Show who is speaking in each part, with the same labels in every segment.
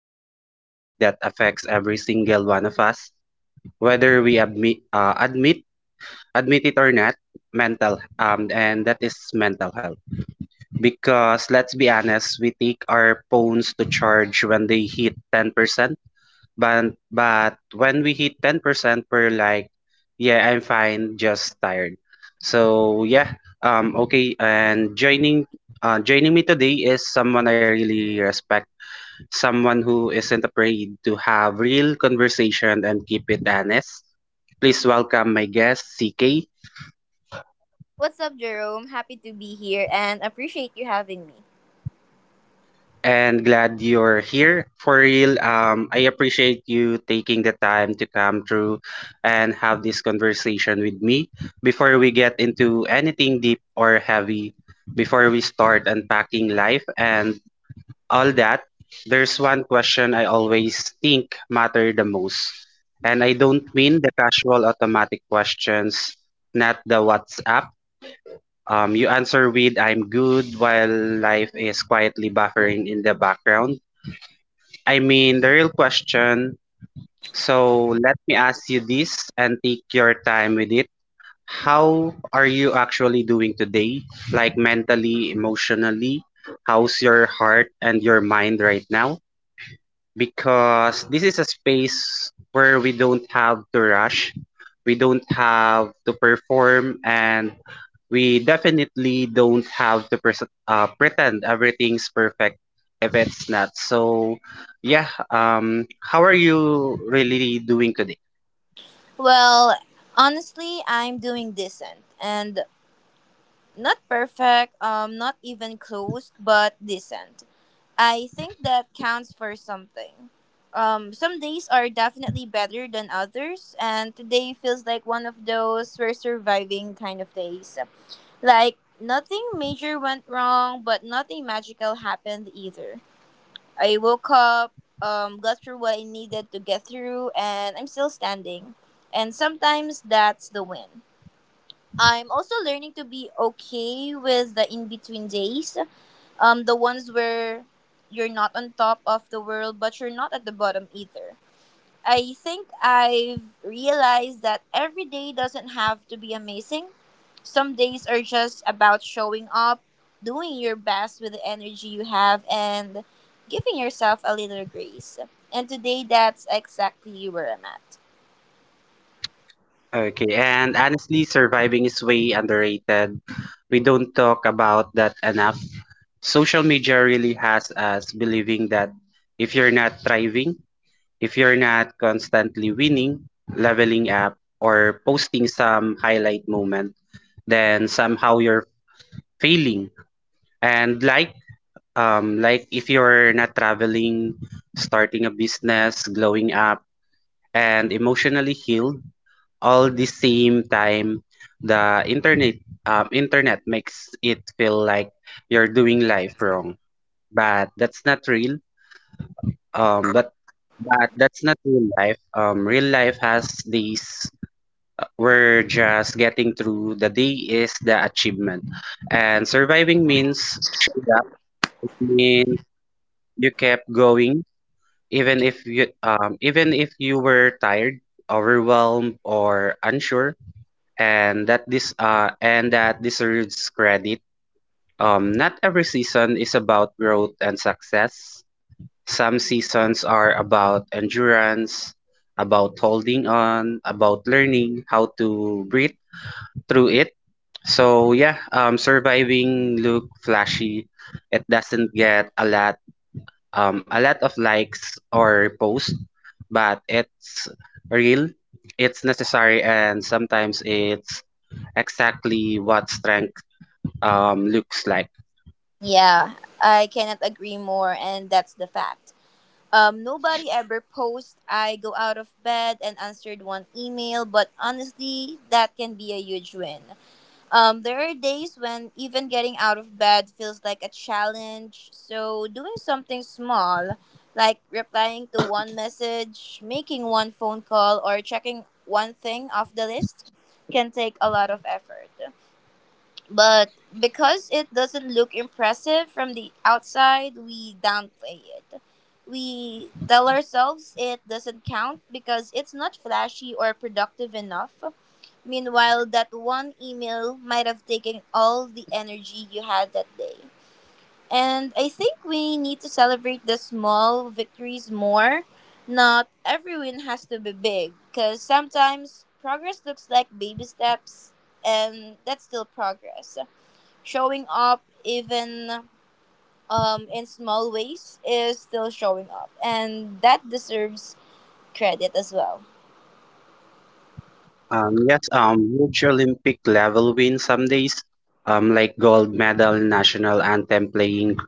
Speaker 1: Into a topic that affects every single one of us, whether we admit it or not, and that is mental health. Because let's be honest, we take our phones to charge when they hit 10%, but when we hit 10%, we're like, yeah, I'm fine, just tired. So And joining me today is someone I really respect, someone who isn't afraid to have real conversation and keep it honest. Please welcome my guest, CK.
Speaker 2: What's up, Jerome? Happy to be here and appreciate you having me.
Speaker 1: And glad you're here for real. I appreciate you taking the time to come through and have this conversation with me. Before we get into anything deep or heavy, before we start unpacking life and all that, there's one question I always think matter the most. And I don't mean the casual automatic questions, not the WhatsApp. You answer with I'm good while life is quietly buffering in the background. I mean, the real question. So let me ask you this and take your time with it. How are you actually doing today? Like mentally, emotionally? How's your heart and your mind right now? Because this is a space where we don't have to rush, we don't have to perform, and we definitely don't have to pres pretend everything's perfect if it's not. So, yeah, how are you really doing today?
Speaker 2: Well, honestly, I'm doing decent and not perfect, not even close, but decent. I think that counts for something. Some days are definitely better than others, and today feels like one of those we're surviving kind of days. Like, nothing major went wrong, but nothing magical happened either. I woke up, got through what I needed to get through, and I'm still standing. And sometimes that's the win. I'm also learning to be okay with the in between days, the ones where you're not on top of the world, but you're not at the bottom either. I think I've realized that every day doesn't have to be amazing. Some days are just about showing up, doing your best with the energy you have, and giving yourself a little grace. And today, that's exactly where I'm at.
Speaker 1: Okay, and honestly, surviving is way underrated. We don't talk about that enough. Social media really has us believing that if you're not thriving, if you're not constantly winning, leveling up, or posting some highlight moment, then somehow you're failing. And like if you're not traveling, starting a business, glowing up, and emotionally healed, all the same time, the internet makes it feel like you're doing life wrong. But that's not real. Um, but but that's not real life. Real life has these. We're just getting through. The day is the achievement, and surviving means showed up. It means you kept going, even if you even if you were tired, overwhelmed, or unsure. And that deserves credit. Not every season is about growth and success. Some seasons are about endurance, about holding on, about learning how to breathe through it. So surviving look flashy. It doesn't get a lot of likes or posts, but it's real. It's necessary, and sometimes it's exactly what strength looks like.
Speaker 2: Yeah, I cannot agree more, and that's the fact. Nobody ever posts I go out of bed and answered one email, but honestly, that can be a huge win. There are days when even getting out of bed feels like a challenge. So, doing something small, like replying to one message, making one phone call, or checking one thing off the list, can take a lot of effort. But because it doesn't look impressive from the outside, we downplay it. We tell ourselves it doesn't count because it's not flashy or productive enough. Meanwhile, that one email might have taken all the energy you had that day. And I think we need to celebrate the small victories more. Not every win has to be big, because sometimes progress looks like baby steps, and that's still progress showing up even in small ways is still showing up, and that deserves credit as well.
Speaker 1: Yes, Huge Olympic level win some days, like gold medal, national anthem playing,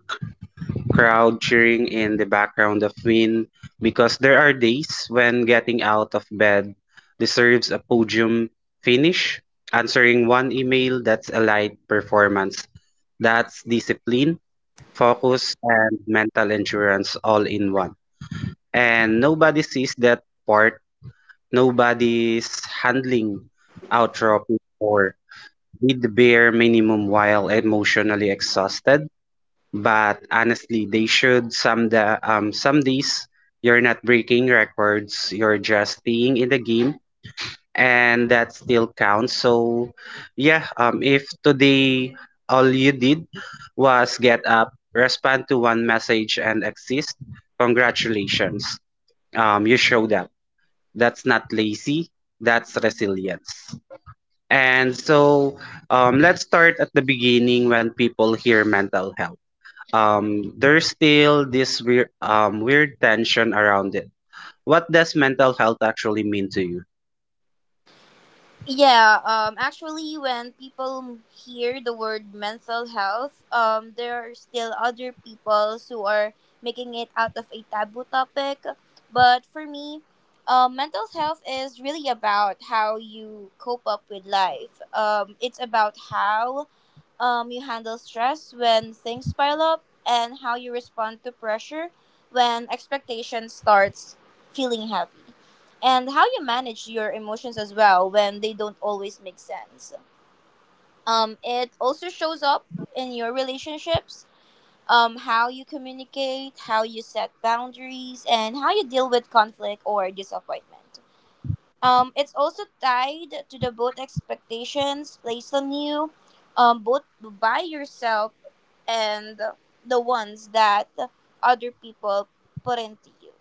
Speaker 1: crowd cheering in the background of win, because there are days when getting out of bed deserves a podium finish, answering one email that's a light performance. That's discipline, focus, and mental endurance all in one. And nobody sees that part. Nobody's handling atropine or did the bare minimum while emotionally exhausted. But honestly, they should. Some days you're not breaking records, you're just being in the game and that still counts. So yeah, if today all you did was get up, respond to one message and exist, congratulations. You showed up. That's not lazy, that's resilience. And so, let's start at the beginning when people hear mental health. There's still this weird tension around it. What does mental health actually mean to you?
Speaker 2: Yeah, actually, when people hear the word mental health, there are still other people who are making it out of a taboo topic, but for me, mental health is really about how you cope up with life. It's about how you handle stress when things pile up, and how you respond to pressure when expectation starts feeling heavy, and how you manage your emotions as well when they don't always make sense. It also shows up in your relationships, how you communicate, how you set boundaries, and how you deal with conflict or disappointment. It's also tied to the both expectations placed on you, both by yourself and the ones that other people put into you.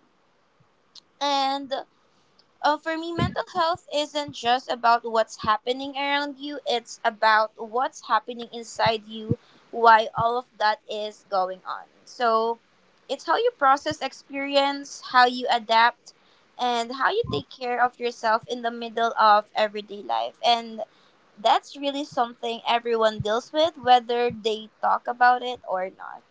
Speaker 2: And for me, mental health isn't just about what's happening around you, it's about what's happening inside you, why all of that is going on. So, it's how you process experience, how you adapt, and how you take care of yourself in the middle of everyday life. And that's really something everyone deals with, whether they talk about it or not.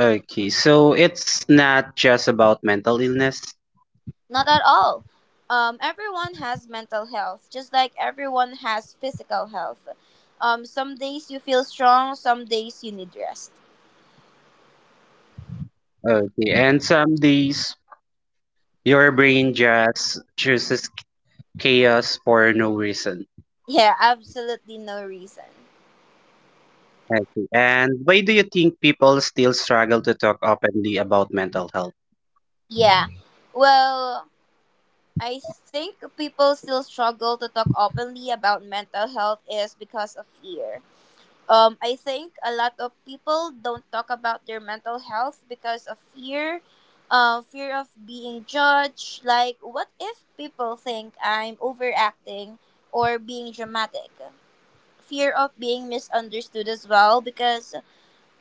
Speaker 1: Okay, so it's not just about mental illness.
Speaker 2: Not at all. Everyone has mental health, just like everyone has physical health. Some days you feel strong, some days you need rest.
Speaker 1: Okay, and some days your brain just chooses chaos for no reason.
Speaker 2: Yeah, absolutely no reason.
Speaker 1: I see. And why do you think people still struggle to talk openly about mental health?
Speaker 2: Yeah. Well, I think people still struggle to talk openly about mental health is because of fear. I think a lot of people don't talk about their mental health because of fear, fear of being judged. Like, what if people think I'm overacting or being dramatic? Fear of being misunderstood as well, because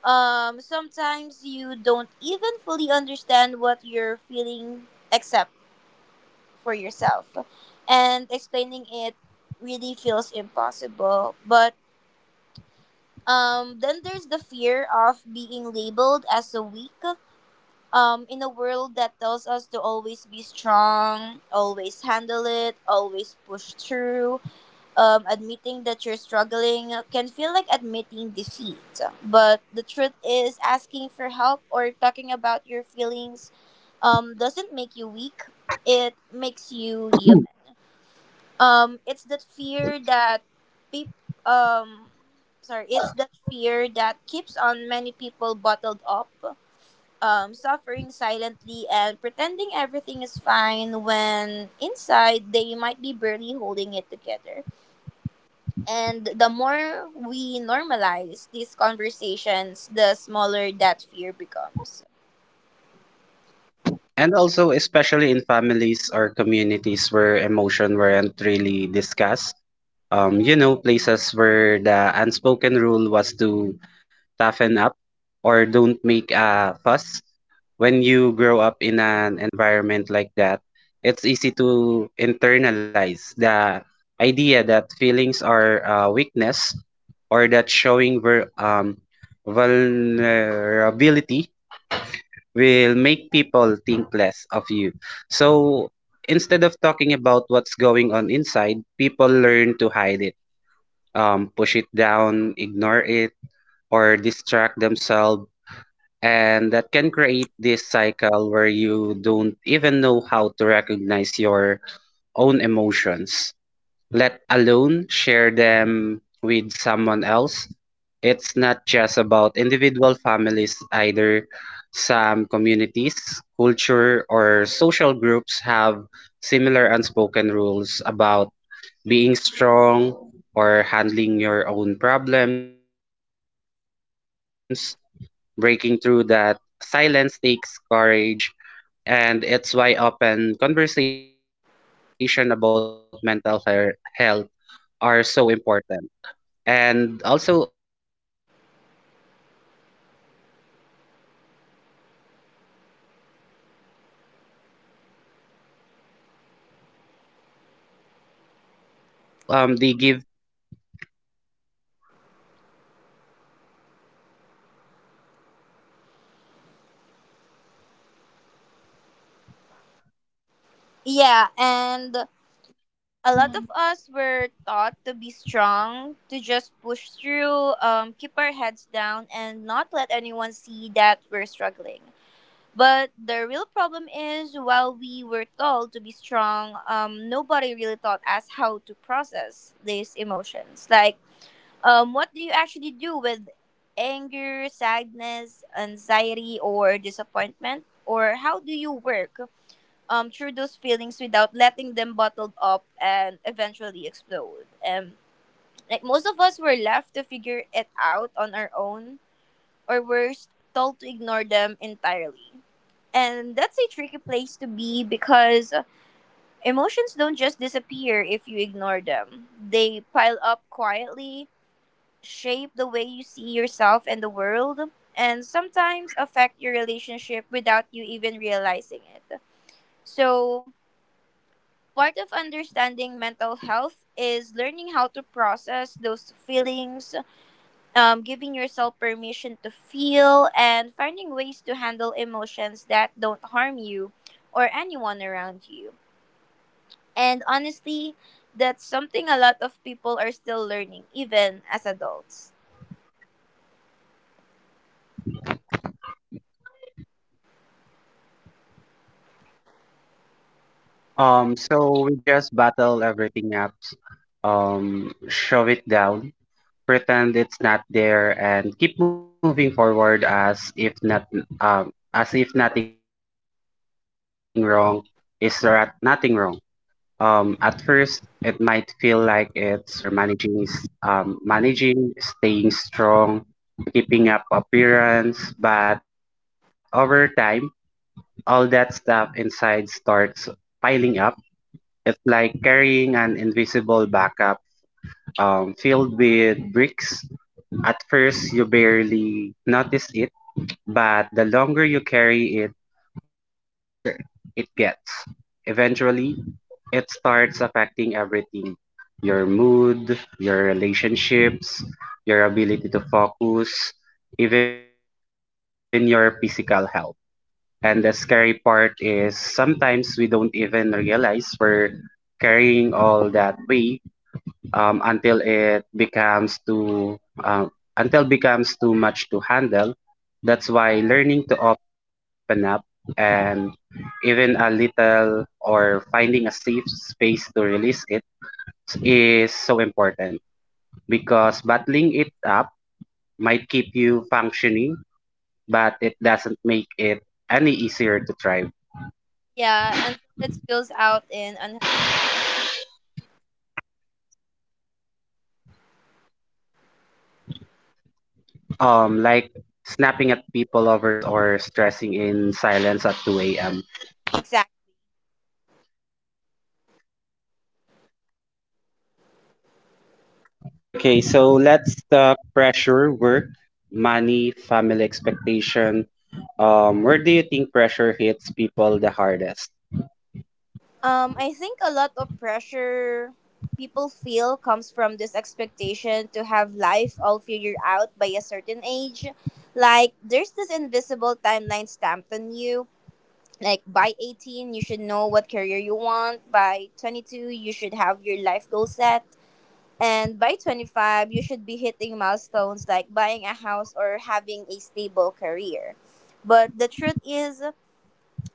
Speaker 2: sometimes you don't even fully understand what you're feeling except for yourself. And explaining it really feels impossible. But then there's the fear of being labeled as a weak. In a world that tells us to always be strong, always handle it, always push through, admitting that you're struggling can feel like admitting defeat. But the truth is, asking for help or talking about your feelings doesn't make you weak, it makes you human. It's that fear that peop- um sorry, it's that fear that keeps on many people bottled up, suffering silently and pretending everything is fine when inside they might be barely holding it together. And the more we normalize these conversations, the smaller that fear becomes.
Speaker 1: And also, especially in families or communities where emotion weren't really discussed? You know, places where the unspoken rule was to toughen up or don't make a fuss. When you grow up in an environment like that, it's easy to internalize the idea that feelings are weakness or that showing vulnerability will make people think less of you. So instead of talking about what's going on inside, people learn to hide it, push it down, ignore it, or distract themselves. And that can create this cycle where you don't even know how to recognize your own emotions, let alone share them with someone else. It's not just about individual families either. Some communities, culture, or social groups have similar unspoken rules about being strong or handling your own problems, breaking through that silence takes courage. And it's why open conversation about health are so important. And also, they give people permission to feel, to talk, and to heal.
Speaker 2: Yeah, and a lot of us were taught to be strong, to just push through, keep our heads down, and not let anyone see that we're struggling. But the real problem is, while we were told to be strong, nobody really taught us how to process these emotions. Like, what do you actually do with anger, sadness, anxiety, or disappointment? Or how do you work through those feelings without letting them bottled up and eventually explode? Like most of us were left to figure it out on our own, or were told to ignore them entirely. And that's a tricky place to be because emotions don't just disappear if you ignore them. They pile up quietly, shape the way you see yourself and the world, and sometimes affect your relationship without you even realizing it. So, part of understanding mental health is learning how to process those feelings, giving yourself permission to feel, and finding ways to handle emotions that don't harm you or anyone around you. And honestly, that's something a lot of people are still learning, even as adults.
Speaker 1: So we just battle everything up, shove it down, pretend it's not there and keep moving forward as if nothing wrong nothing wrong. At first it feel like it's working, like you're managing staying strong, keeping up appearance, but over time all that stuff inside starts piling up. It's like carrying an invisible backup, filled with bricks. At first you barely notice it, but the longer you carry it, the heavier the it gets. Eventually, it starts affecting everything. Your mood, your relationships, your ability to focus, even your physical health. And the scary part is sometimes we don't even realize we're carrying all that weight, um, until it becomes too um, until becomes too much to handle. That's why learning to open up and even a little or finding a safe space to release it is so important, because bottling it up might keep you functioning, but it doesn't make it any easier to thrive.
Speaker 2: Yeah, until it spills out in unhealthy.
Speaker 1: Like snapping at people over small things or stressing in silence at 2 a.m.
Speaker 2: Exactly.
Speaker 1: Okay, so let's talk pressure, work, money, family expectation. Where do you think pressure hits people the hardest?
Speaker 2: I think a lot of pressure people feel comes from this expectation to have life all figured out by a certain age. Like, there's this invisible timeline stamped on you. Like, by 18, you should know what career you want. By 22, you should have your life goal set. And by 25, you should be hitting milestones like buying a house or having a stable career. But the truth is,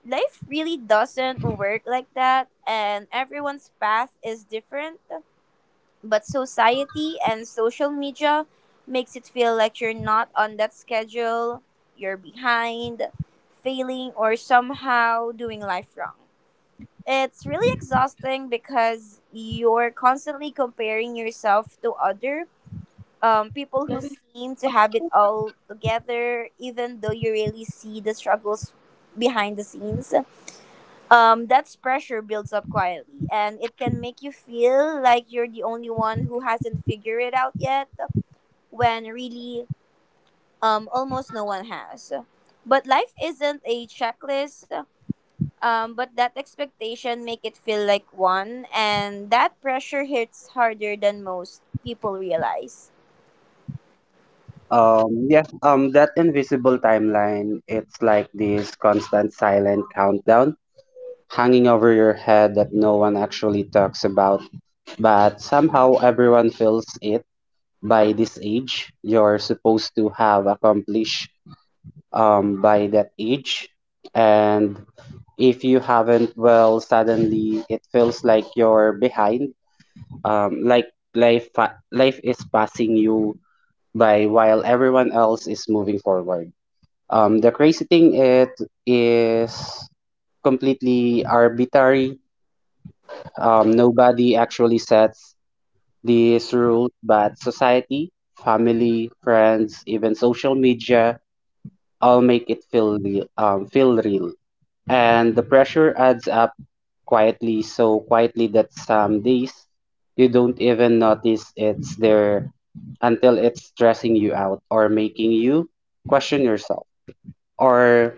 Speaker 2: life really doesn't work like that, and everyone's path is different. But society and social media makes it feel like you're not on that schedule, you're behind, failing, or somehow doing life wrong. It's really exhausting because you're constantly comparing yourself to other people who seem to have it all together, even though you really see the struggles behind the scenes. That pressure builds up quietly, and it can make you feel like you're the only one who hasn't figured it out yet, when really, almost no one has. But life isn't a checklist. But that expectation make it feel like one, and that pressure hits harder than most people realize.
Speaker 1: Yeah, that invisible timeline, it's like this constant silent countdown hanging over your head that no one actually talks about, but somehow everyone feels it. By this age, you're supposed to have accomplished, by that age. And if you haven't, well, suddenly it feels like you're behind. Like life is passing you by while everyone else is moving forward. The crazy thing it is completely arbitrary. Nobody actually sets these rules, but society, family, friends, even social media all make it feel real. And the pressure adds up quietly, so quietly that some days you don't even notice it's there until it's stressing you out or making you question yourself or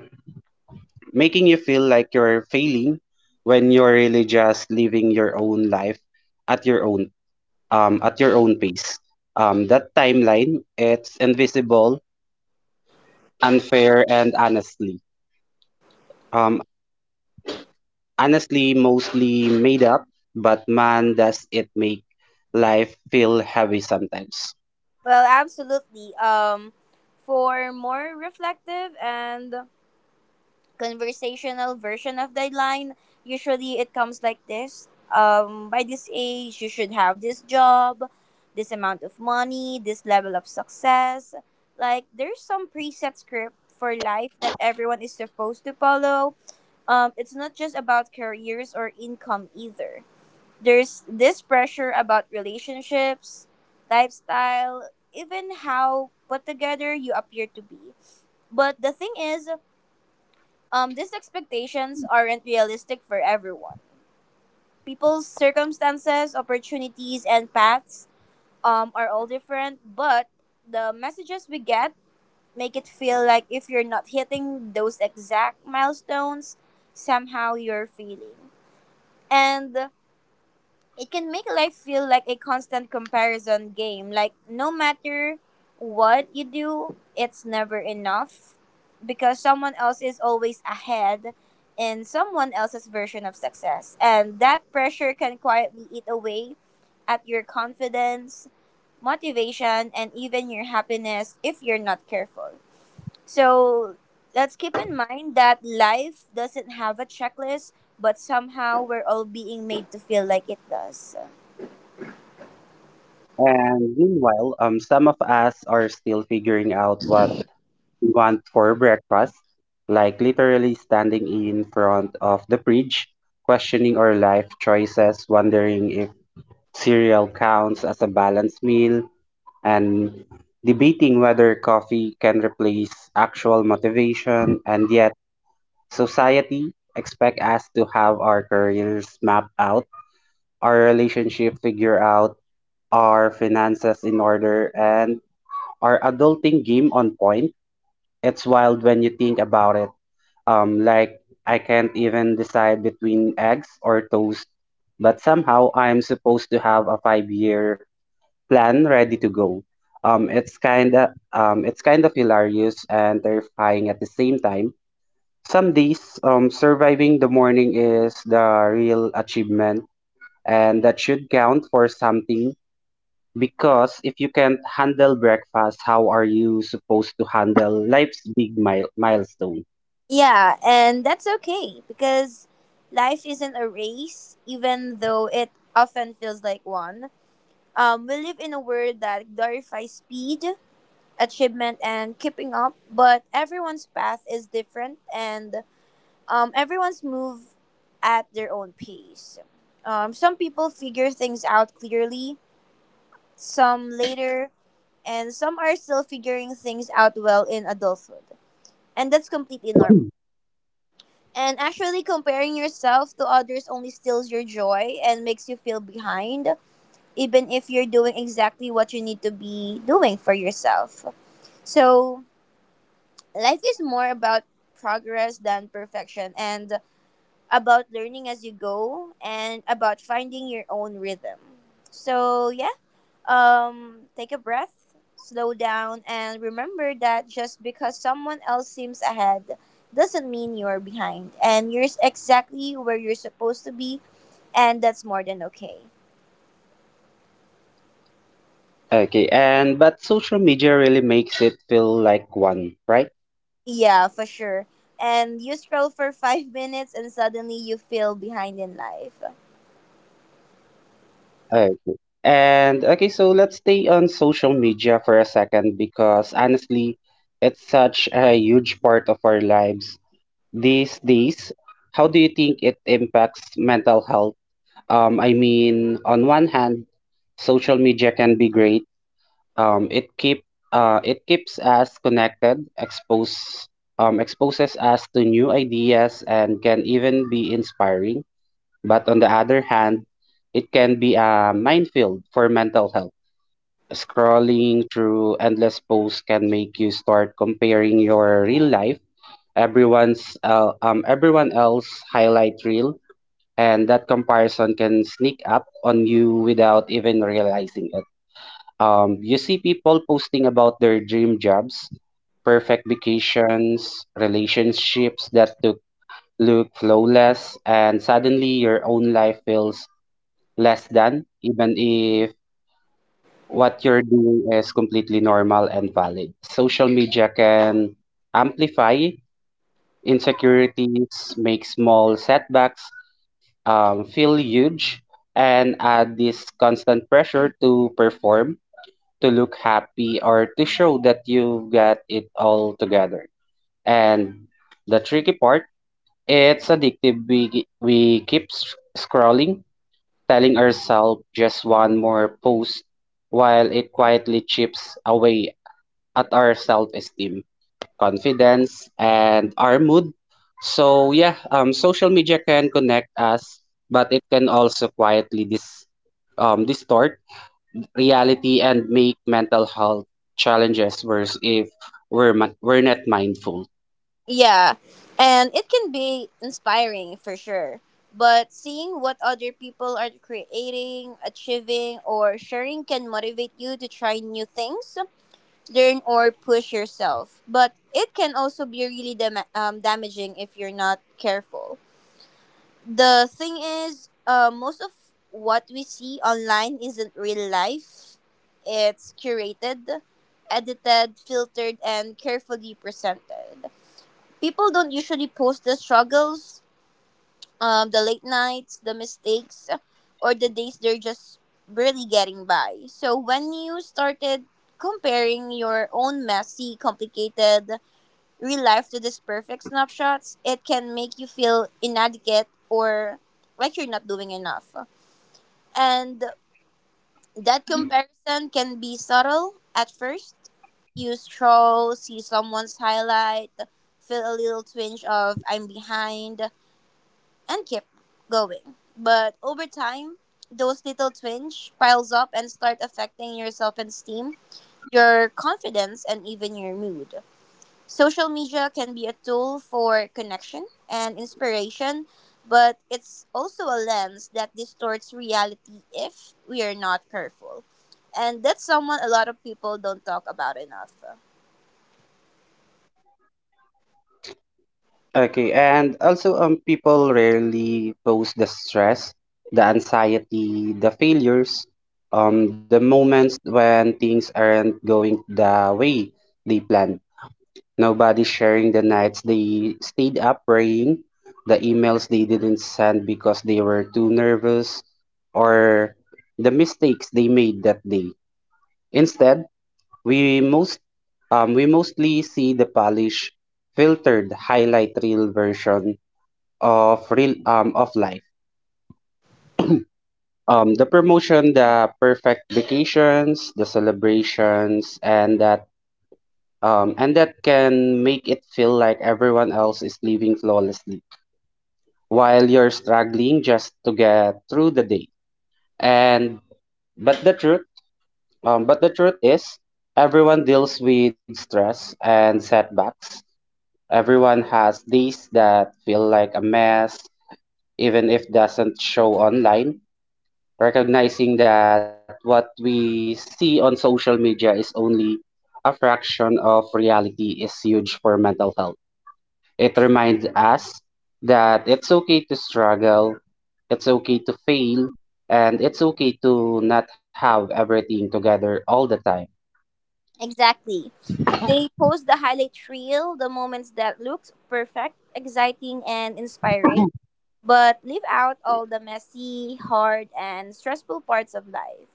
Speaker 1: making you feel like you're failing when you're really just living your own life at your own pace. That timeline it's invisible, unfair and um honestly mostly made up, but man, does it make life feel heavy sometimes.
Speaker 2: Well, absolutely. For more reflective and conversational version of the line. Usually it comes like this. By this age, you should have this job, this amount of money, this level of success. Like, there's some preset script for life that everyone is supposed to follow. It's not just about careers or income either. There's this pressure about relationships, lifestyle, even how put together you appear to be. But the thing is, these expectations aren't realistic for everyone. People's circumstances, opportunities, and paths are all different, but the messages we get make it feel like if you're not hitting those exact milestones, somehow you're failing. And it can make life feel like a constant comparison game. Like, no matter what you do, it's never enough because someone else is always ahead in someone else's version of success. And that pressure can quietly eat away at your confidence, motivation, and even your happiness if you're not careful. So let's keep in mind that life doesn't have a checklist, but somehow we're all being made to feel like it does.
Speaker 1: And meanwhile, some of us are still figuring out what we want for breakfast, like literally standing in front of the fridge, questioning our life choices, wondering if cereal counts as a balanced meal, and debating whether coffee can replace actual motivation, and yet society expect us to have our careers mapped out, our relationship figured out, our finances in order, and our adulting game on point. It's wild when you think about it. Like I can't even decide between eggs or toast, but somehow I'm supposed to have a five-year plan ready to go. It's kind of hilarious and terrifying at the same time. Some days, surviving the morning is the real achievement, and that should count for something because if you can't handle breakfast, how are you supposed to handle life's big milestone?
Speaker 2: Yeah, and that's okay because life isn't a race, even though it often feels like one. We live in a world that glorifies speed, achievement, and keeping up, but everyone's path is different, and everyone's move at their own pace. Some people figure things out clearly, some later, and some are still figuring things out well in adulthood. And that's completely normal. And actually, comparing yourself to others only steals your joy and makes you feel behind, even if you're doing exactly what you need to be doing for yourself. So, life is more about progress than perfection, and about learning as you go, and about finding your own rhythm. So, yeah. Take a breath, slow down, and remember that just because someone else seems ahead doesn't mean you're behind, and you're exactly where you're supposed to be, and that's more than okay.
Speaker 1: Okay, and but social media really makes it feel like one, right?
Speaker 2: Yeah, for sure. And you scroll for 5 minutes and suddenly you feel behind in life.
Speaker 1: Okay. And okay, so let's stay on social media for a second because honestly, it's such a huge part of our lives these days. How do you think it impacts mental health? I mean, on one hand, social media can be great. Um, it keep it keeps us connected, exposes us to new ideas, and can even be inspiring. But on the other hand, it can be a minefield for mental health. Scrolling through endless posts can make you start comparing your real life everyone else highlight reel, and that comparison can sneak up on you without even realizing it. You see people posting about their dream jobs, perfect vacations, relationships that look flawless, and suddenly your own life feels less than, even if what you're doing is completely normal and valid. Social media can amplify insecurities, make small setbacks feel huge and add this constant pressure to perform, to look happy, or to show that you've got it all together. And the tricky part, it's addictive. We keep scrolling, telling ourselves just one more post while it quietly chips away at our self esteem, confidence, and our mood. So yeah, social media can connect us, but it can also quietly distort reality and make mental health challenges worse if we're not mindful.
Speaker 2: Yeah, and it can be inspiring for sure. But seeing what other people are creating, achieving, or sharing can motivate you to try new things, learn, or push yourself. But it can also be really damaging if you're not careful. The thing is, most of what we see online isn't real life, it's curated, edited, filtered, and carefully presented. People don't usually post the struggles, the late nights, the mistakes, or the days they're just barely getting by. So when you started comparing your own messy, complicated real life to these perfect snapshots, it can make you feel inadequate or like you're not doing enough. And that comparison can be subtle at first. You stroll, see someone's highlight, feel a little twinge of I'm behind, and keep going. But over time, those little twinge piles up and start affecting your self-esteem, your confidence, and even your mood. Social media can be a tool for connection and inspiration, but it's also a lens that distorts reality if we are not careful. And that's someone a lot of people don't talk about enough.
Speaker 1: Okay, and also people rarely post the stress, the anxiety, the failures, the moments when things aren't going the way they planned. Nobody sharing the nights they stayed up praying, the emails they didn't send because they were too nervous, or the mistakes they made that day. Instead, we most we mostly see the polished, filtered highlight reel version of real of life. The promotion, the perfect vacations, the celebrations, and that can make it feel like everyone else is living flawlessly, while you're struggling just to get through the day. And but the truth, But the truth is, everyone deals with stress and setbacks. Everyone has days that feel like a mess, even if doesn't show online. Recognizing that what we see on social media is only a fraction of reality is huge for mental health. It reminds us that it's okay to struggle, it's okay to fail, and it's okay to not have everything together all the time.
Speaker 2: Exactly. They post the highlight reel, the moments that looks perfect, exciting, and inspiring, but leave out all the messy, hard, and stressful parts of life.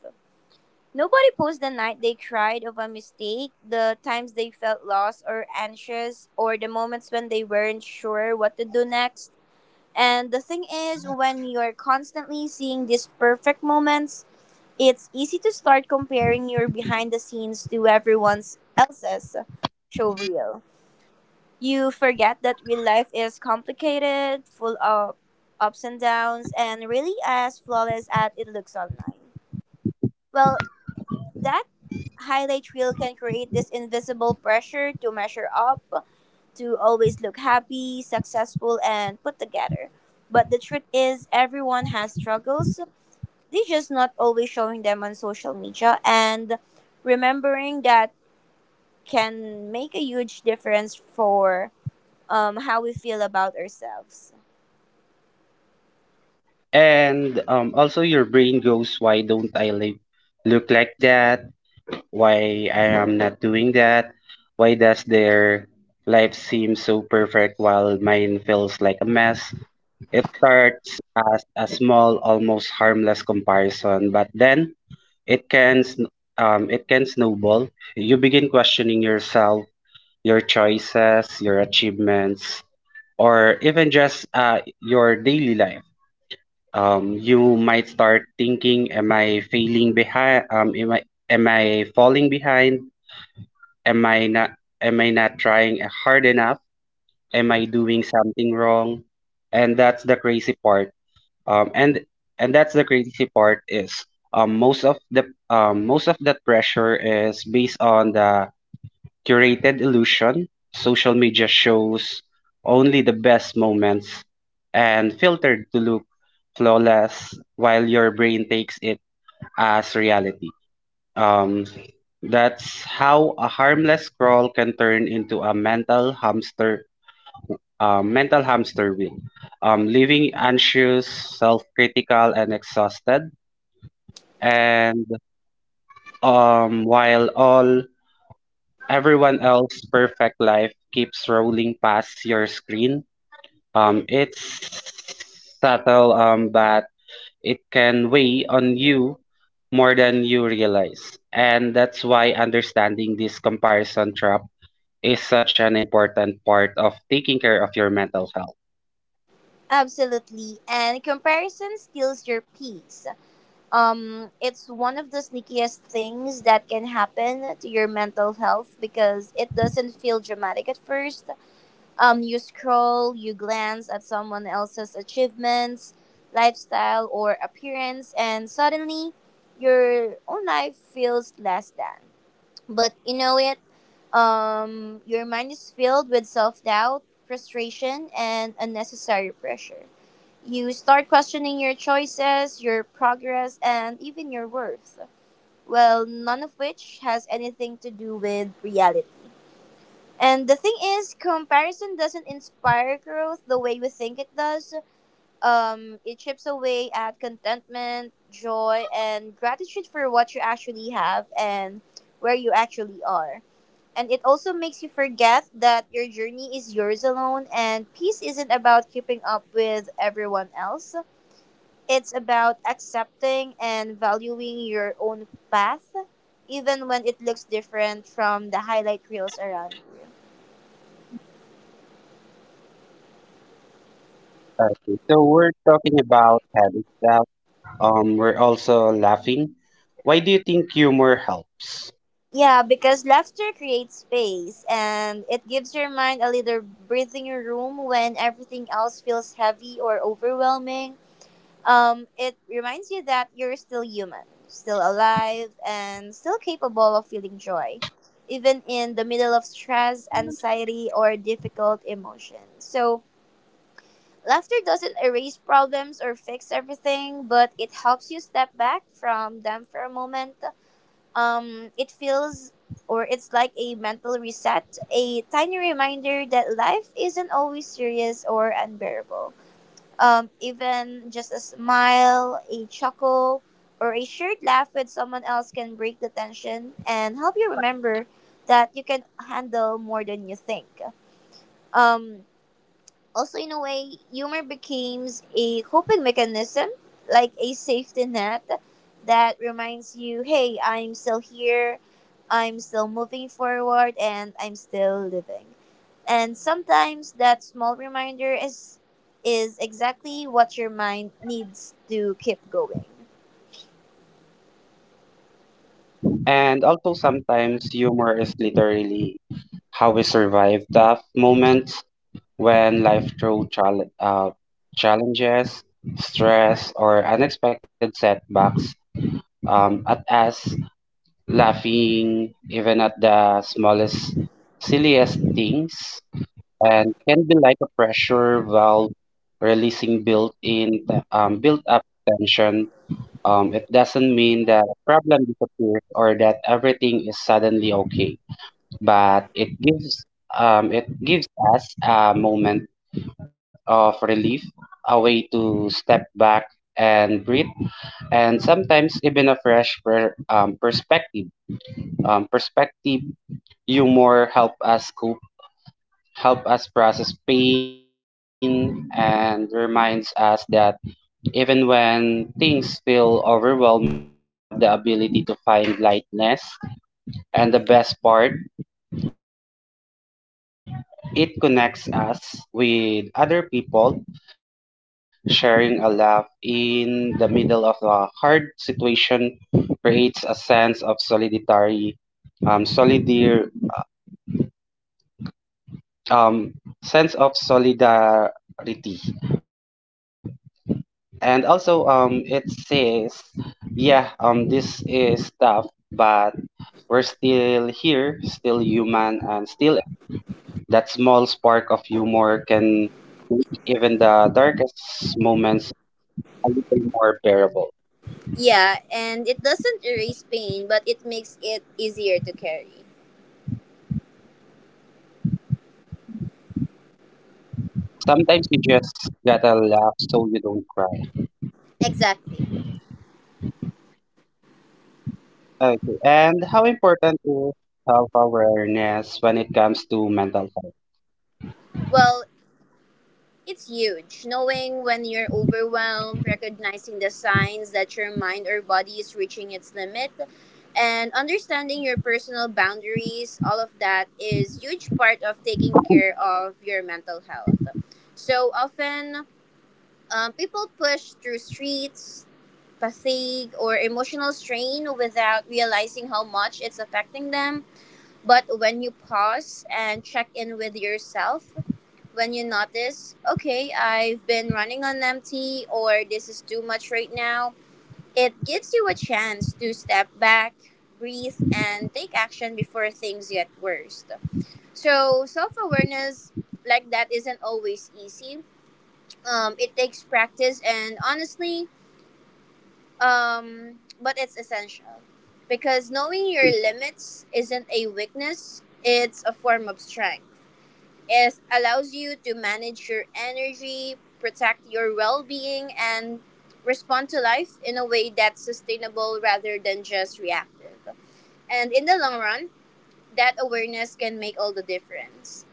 Speaker 2: Nobody posts the night they cried of a mistake, the times they felt lost or anxious, or the moments when they weren't sure what to do next. And the thing is, when you're constantly seeing these perfect moments, it's easy to start comparing your behind the scenes to everyone else's show reel. You forget that real life is complicated, full of ups and downs, and really as flawless as it looks online. Well, that highlight reel can create this invisible pressure to measure up, to always look happy, successful, and put together. But the truth is, everyone has struggles, they're just not always showing them on social media, and remembering that can make a huge difference for how we feel about ourselves.
Speaker 1: And Also, your brain goes, why don't I live, look like that? Why I am not doing that? Why does their life seem so perfect while mine feels like a mess? It starts as a small, almost harmless comparison, but then It can sn- it can snowball. You begin questioning yourself, your choices, your achievements, or even just your daily life. You might start thinking, "Am I failing behind? Am I falling behind? Am I not am I not trying hard enough? Am I doing something wrong?" And that's the crazy part um, and and that's the crazy part is most of that pressure is based on the curated illusion social media shows only the best moments and filtered to look flawless while your brain takes it as reality. um, that's how a harmless scroll can turn into a mental hamster wheel, leaving anxious, self-critical, and exhausted. And while all Everyone else's perfect life keeps rolling past your screen. It's subtle, but it can weigh on you more than you realize. And that's why understanding this comparison trap is such an important part of taking care of your mental health.
Speaker 2: Absolutely. And comparison steals your peace. It's one of the sneakiest things that can happen to your mental health because it doesn't feel dramatic at first. You scroll, you glance at someone else's achievements, lifestyle, or appearance, and suddenly your own life feels less than. But you know it, your mind is filled with self doubt, frustration, and unnecessary pressure. You start questioning your choices, your progress, and even your worth. Well, none of which has anything to do with reality. And the thing is, comparison doesn't inspire growth the way we think it does. It chips away at contentment, joy, and gratitude for what you actually have and where you actually are. And it also makes you forget that your journey is yours alone, and peace isn't about keeping up with everyone else. It's about accepting and valuing your own path, even when it looks different from the highlight reels around.
Speaker 1: Okay, so we're talking about habits that we're also laughing. Why do you think humor helps?
Speaker 2: Yeah, because laughter creates space and it gives your mind a little breathing room when everything else feels heavy or overwhelming. It reminds you that you're still human, still alive, and still capable of feeling joy, even in the middle of stress, anxiety, or difficult emotions. So, laughter doesn't erase problems or fix everything, but it helps you step back from them for a moment. It feels Or it's like a mental reset, a tiny reminder that life isn't always serious or unbearable. Even just a smile, a chuckle, or a shared laugh with someone else can break the tension and help you remember that you can handle more than you think. Um, Also, in a way, humor becomes a coping mechanism, like a safety net that reminds you, hey, I'm still here, I'm still moving forward, and I'm still living. And sometimes that small reminder is exactly what your mind needs to keep going.
Speaker 1: And also sometimes humor is literally how we survive tough moments when life throws challenges, stress, or unexpected setbacks at us. Laughing even at the smallest, silliest things and can be like a pressure valve releasing built-up tension. It doesn't mean that a problem disappears or that everything is suddenly okay, but it gives us a moment of relief, a way to step back and breathe, and sometimes even a fresh perspective. Um, perspective Humor help us cope, help us process pain and reminds us that even when things feel overwhelming, we still have the ability to find lightness. And the best part, it connects us with other people. Sharing a laugh in the middle of a hard situation creates a sense of solidarity solidar um sense of solidarity. And also, it says, yeah, this is tough, we're still here, still human, and still able to smile. That small spark of humor can make even the darkest moments a little more bearable.
Speaker 2: Yeah, and it doesn't erase pain, but it makes it easier to carry.
Speaker 1: Sometimes you just gotta laugh so you don't cry.
Speaker 2: Exactly.
Speaker 1: Okay, and how important is self-awareness when it comes to mental health?
Speaker 2: Well, it's huge. Knowing when you're overwhelmed, recognizing the signs that your mind or body is reaching its limit, and understanding your personal boundaries, all of that is huge part of taking care of your mental health. So often, people push through streets, fatigue, or emotional strain without realizing how much it's affecting them. But when you pause and check in with yourself, when you notice, okay, I've been running on empty or this is too much right now, it gives you a chance to step back, breathe, and take action before things get worse. So, self awareness like that isn't always easy. It takes practice, and honestly, but it's essential because knowing your limits isn't a weakness, it's a form of strength. It allows you to manage your energy, protect your well being, and respond to life in a way that's sustainable rather than just reactive. And in the long run, that awareness can make all the difference.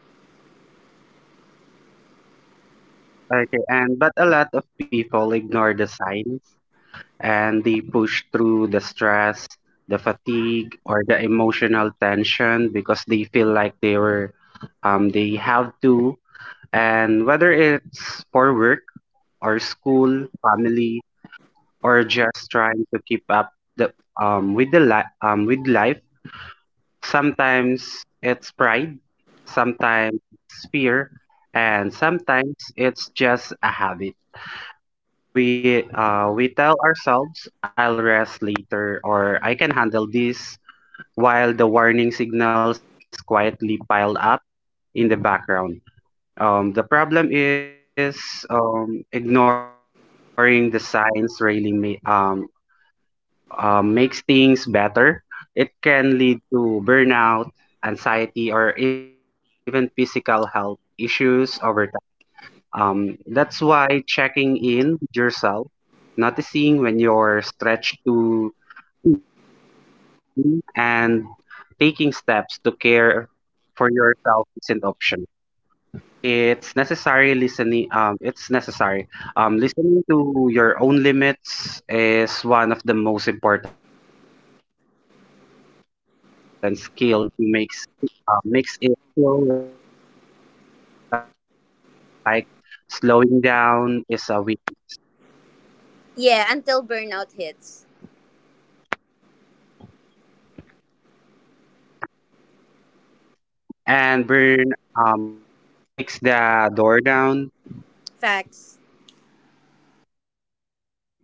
Speaker 1: Okay, and but a lot of people ignore the signs and they push through the stress, the fatigue, or the emotional tension because they feel like they were, they have to. And whether it's for work or school, family, or just trying to keep up the with the li- with life, sometimes it's pride, sometimes it's fear, and sometimes it's just a habit. We tell ourselves I'll rest later or I can handle this, while the warning signals quietly pile up in the background. The problem is ignoring the signs really makes things better. It can lead to burnout, anxiety, or even physical health issues over time. That's why checking in with yourself, noticing when you're stretched too. Mhm. And taking steps to care for yourself isn't optional. It's necessary. Listening to your own limits is one of the most important skills you can develop. If, even if the world around you makes makes it feel like slowing down is a weak,
Speaker 2: Yeah, until burnout hits.
Speaker 1: and burn and burnout politely kicks the door down.
Speaker 2: Facts.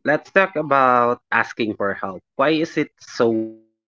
Speaker 1: Let's talk about asking for help. Why is it so hard?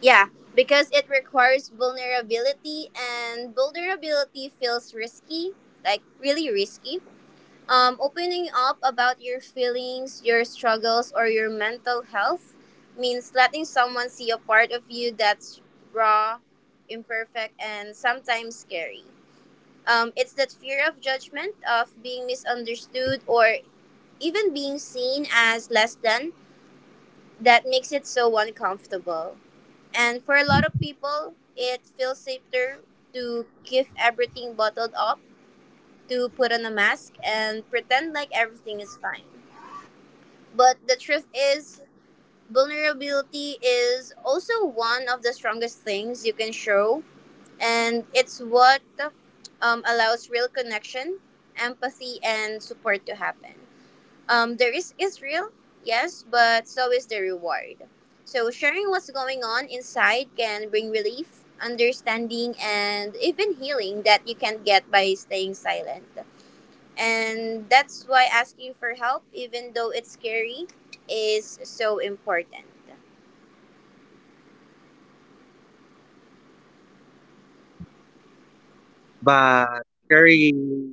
Speaker 2: Yeah, because it requires vulnerability, and vulnerability feels risky, like really risky. Opening up about your feelings, your struggles, or your mental health means letting someone see a part of you that's raw, imperfect, and sometimes scary. It's that fear of judgment, of being misunderstood, or even being seen as less than that makes it so uncomfortable. And for a lot of people, it feels safer to keep everything bottled up, to put on a mask, and pretend like everything is fine. But the truth is, vulnerability is also one of the strongest things you can show, and it's what allows real connection, empathy, and support to happen. The risk is real, yes, but so is the reward. So, sharing what's going on inside can bring relief, understanding, and even healing that you can't get by staying silent. And that's why asking for help, even though it's scary, is so important.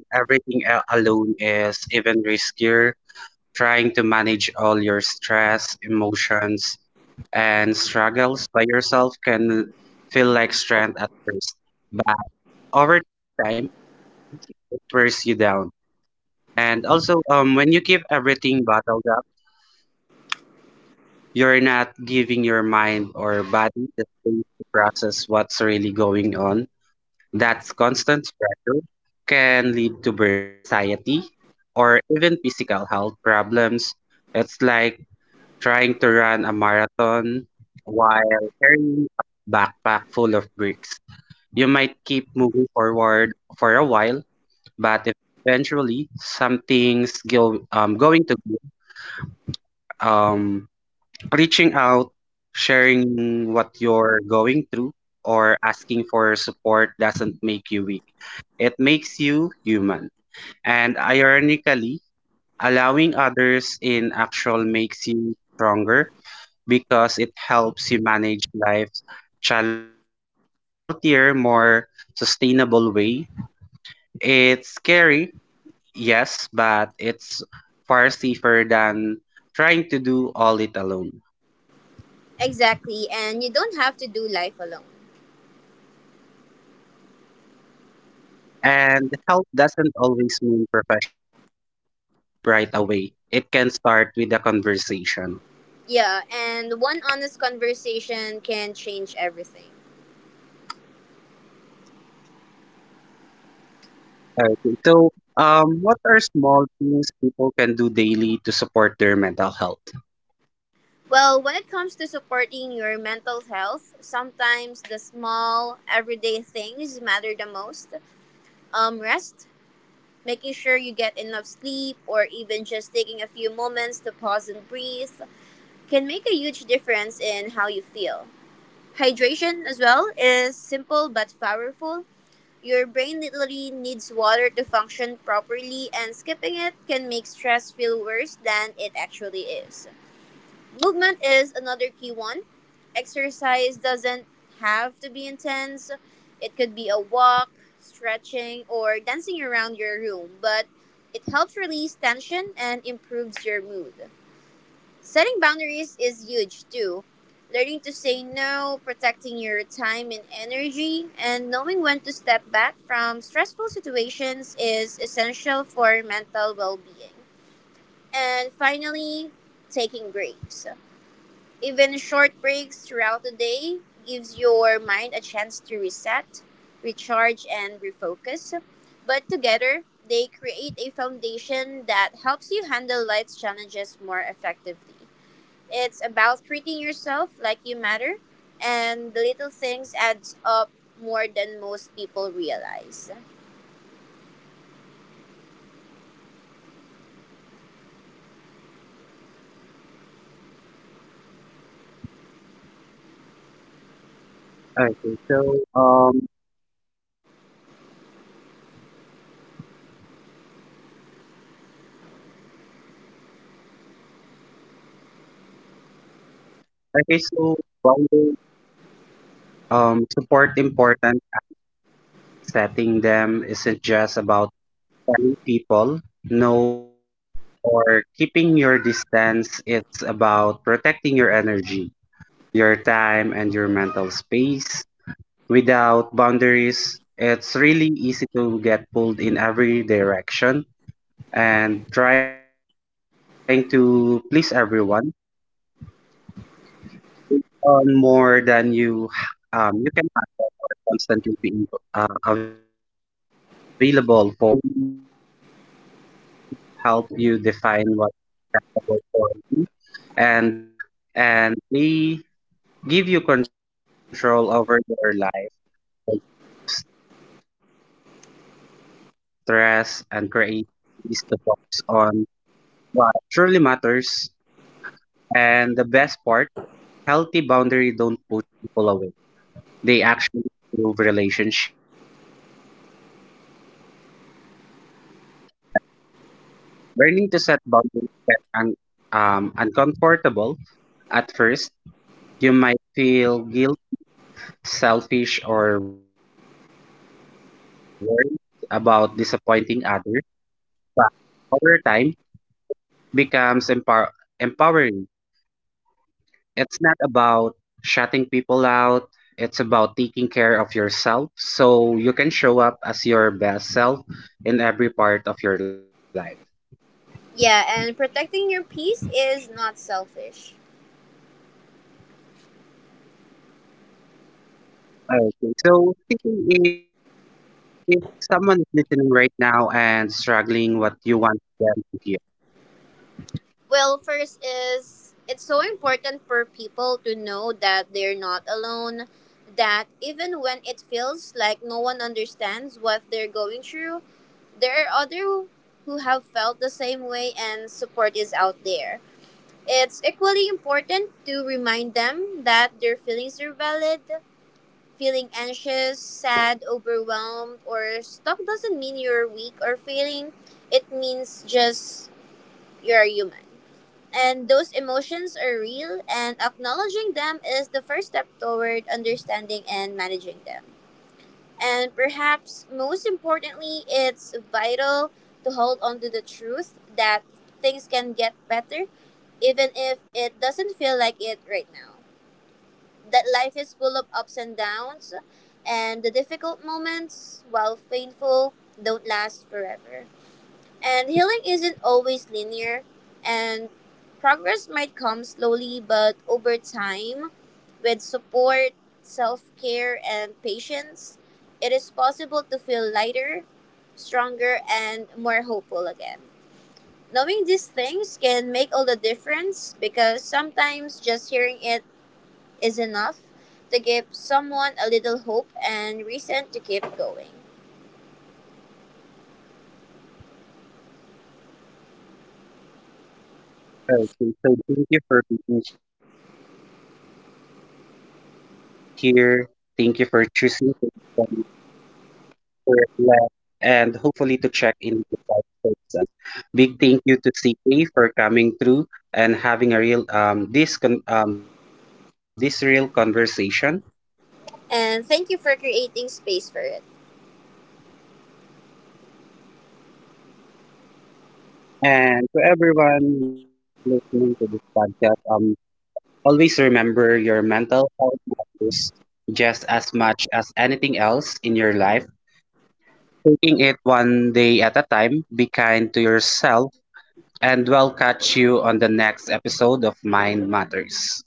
Speaker 1: But carrying everything alone is even riskier. Trying to manage all your stress, emotions, and struggles by yourself can feel like strength at first, but over time, it wears you down. And also, when you keep everything bottled up, you're not giving your mind or body the space to process what's really going on. That constant can lead to burnout, anxiety, or even physical health problems. It's like trying to run a marathon while carrying a backpack full of bricks. You might keep moving forward for a while, but eventually something's going to give. um, Reaching out, sharing what you're going through, or asking for support doesn't make you weak. It makes you human. And ironically, allowing others in actual makes you stronger because it helps you manage life's challenges in a healthier, more sustainable way. It's scary, yes, but it's far safer than trying to do all it alone.
Speaker 2: Exactly. And you don't have to do life alone.
Speaker 1: And help doesn't always mean professional help right away. It can start with a conversation.
Speaker 2: Yeah. And one honest conversation can change everything.
Speaker 1: Okay. So, what are small things people can do daily to support their mental health?
Speaker 2: Well, when it comes to supporting your mental health, sometimes the small, everyday things matter the most. Rest, making sure you get enough sleep, or even just taking a few moments to pause and breathe, can make a huge difference in how you feel. Hydration, as well, is simple but powerful. Your brain literally needs water to function properly, and skipping it can make stress feel worse than it actually is. Movement is another key one. Exercise doesn't have to be intense, it could be a walk, stretching, or dancing around your room, but it helps release tension and improves your mood. Setting boundaries is huge too. Learning to say no, protecting your time and energy, and knowing when to step back from stressful situations is essential for mental well being. And finally, taking breaks. Even short breaks throughout the day gives your mind a chance to reset, recharge, and refocus. But together, they create a foundation that helps you handle life's challenges more effectively. It's about treating yourself like you matter, and the little things adds up more than most people realize.
Speaker 1: Okay. So, um, okay. So, one day, support important. Setting them isn't just about telling people no or keeping your distance. It's about protecting your energy, your time, and your mental space. Without boundaries, it's really easy to get pulled in every direction and trying to please everyone, on more than you can constantly be available others while neglecting yourself. Boundaries help you define what's important and what isn't, and they give you control over your life, like stress, and create space to focus on what truly matters. Part, healthy boundary don't push people away. They actually improve relationships because they create respect, clarity, and mutual understanding. Learning to set boundaries that uncomfortable. At first, you might feel guilt, selfish, or worried about disappointing others, but over time becomes empowering. It's not about shutting people out. It's about taking care of yourself so you can show up as your best self in every part of your life.
Speaker 2: Yeah, and protecting your peace is not selfish.
Speaker 1: Okay, so speaking if someone is listening right now and struggling what you want them to hear.
Speaker 2: Well, first is it's so important for people to know that they're not alone, that even when it feels like no one understands what they're going through, there are other who have felt the same way and support is out there. It's equally important to remind them that their feelings are valid. Feeling anxious, sad, overwhelmed, or stuck doesn't mean you're weak or failing. It means just you're human. And those emotions are real, and acknowledging them is the first step toward understanding and managing them. And perhaps most importantly, it's vital to hold on to the truth that things can get better even if it doesn't feel like it right now. That life is full of ups and downs, and the difficult moments, while painful, don't last forever. And healing isn't always linear, and progress might come slowly, but over time, with support, self care, and patience, it is possible to feel lighter, stronger, and more hopeful again. Knowing these things can make all the difference because sometimes just hearing it is enough to give someone a little hope and reason to keep going.
Speaker 1: Okay, so that's powerful, people. And to everyone listening, thank you for being here. Thank you for choosing to listen for Len, and hopefully to check in with you guys for this episode. Big thank you to CK for coming through and having a real this real conversation.
Speaker 2: And thank you for creating space for it.
Speaker 1: And to everyone listening to this podcast, always remember your mental health matters just as much as anything else in your life. Taking it one day at a time, be kind to yourself and we'll catch you on the next episode of Mind Matters.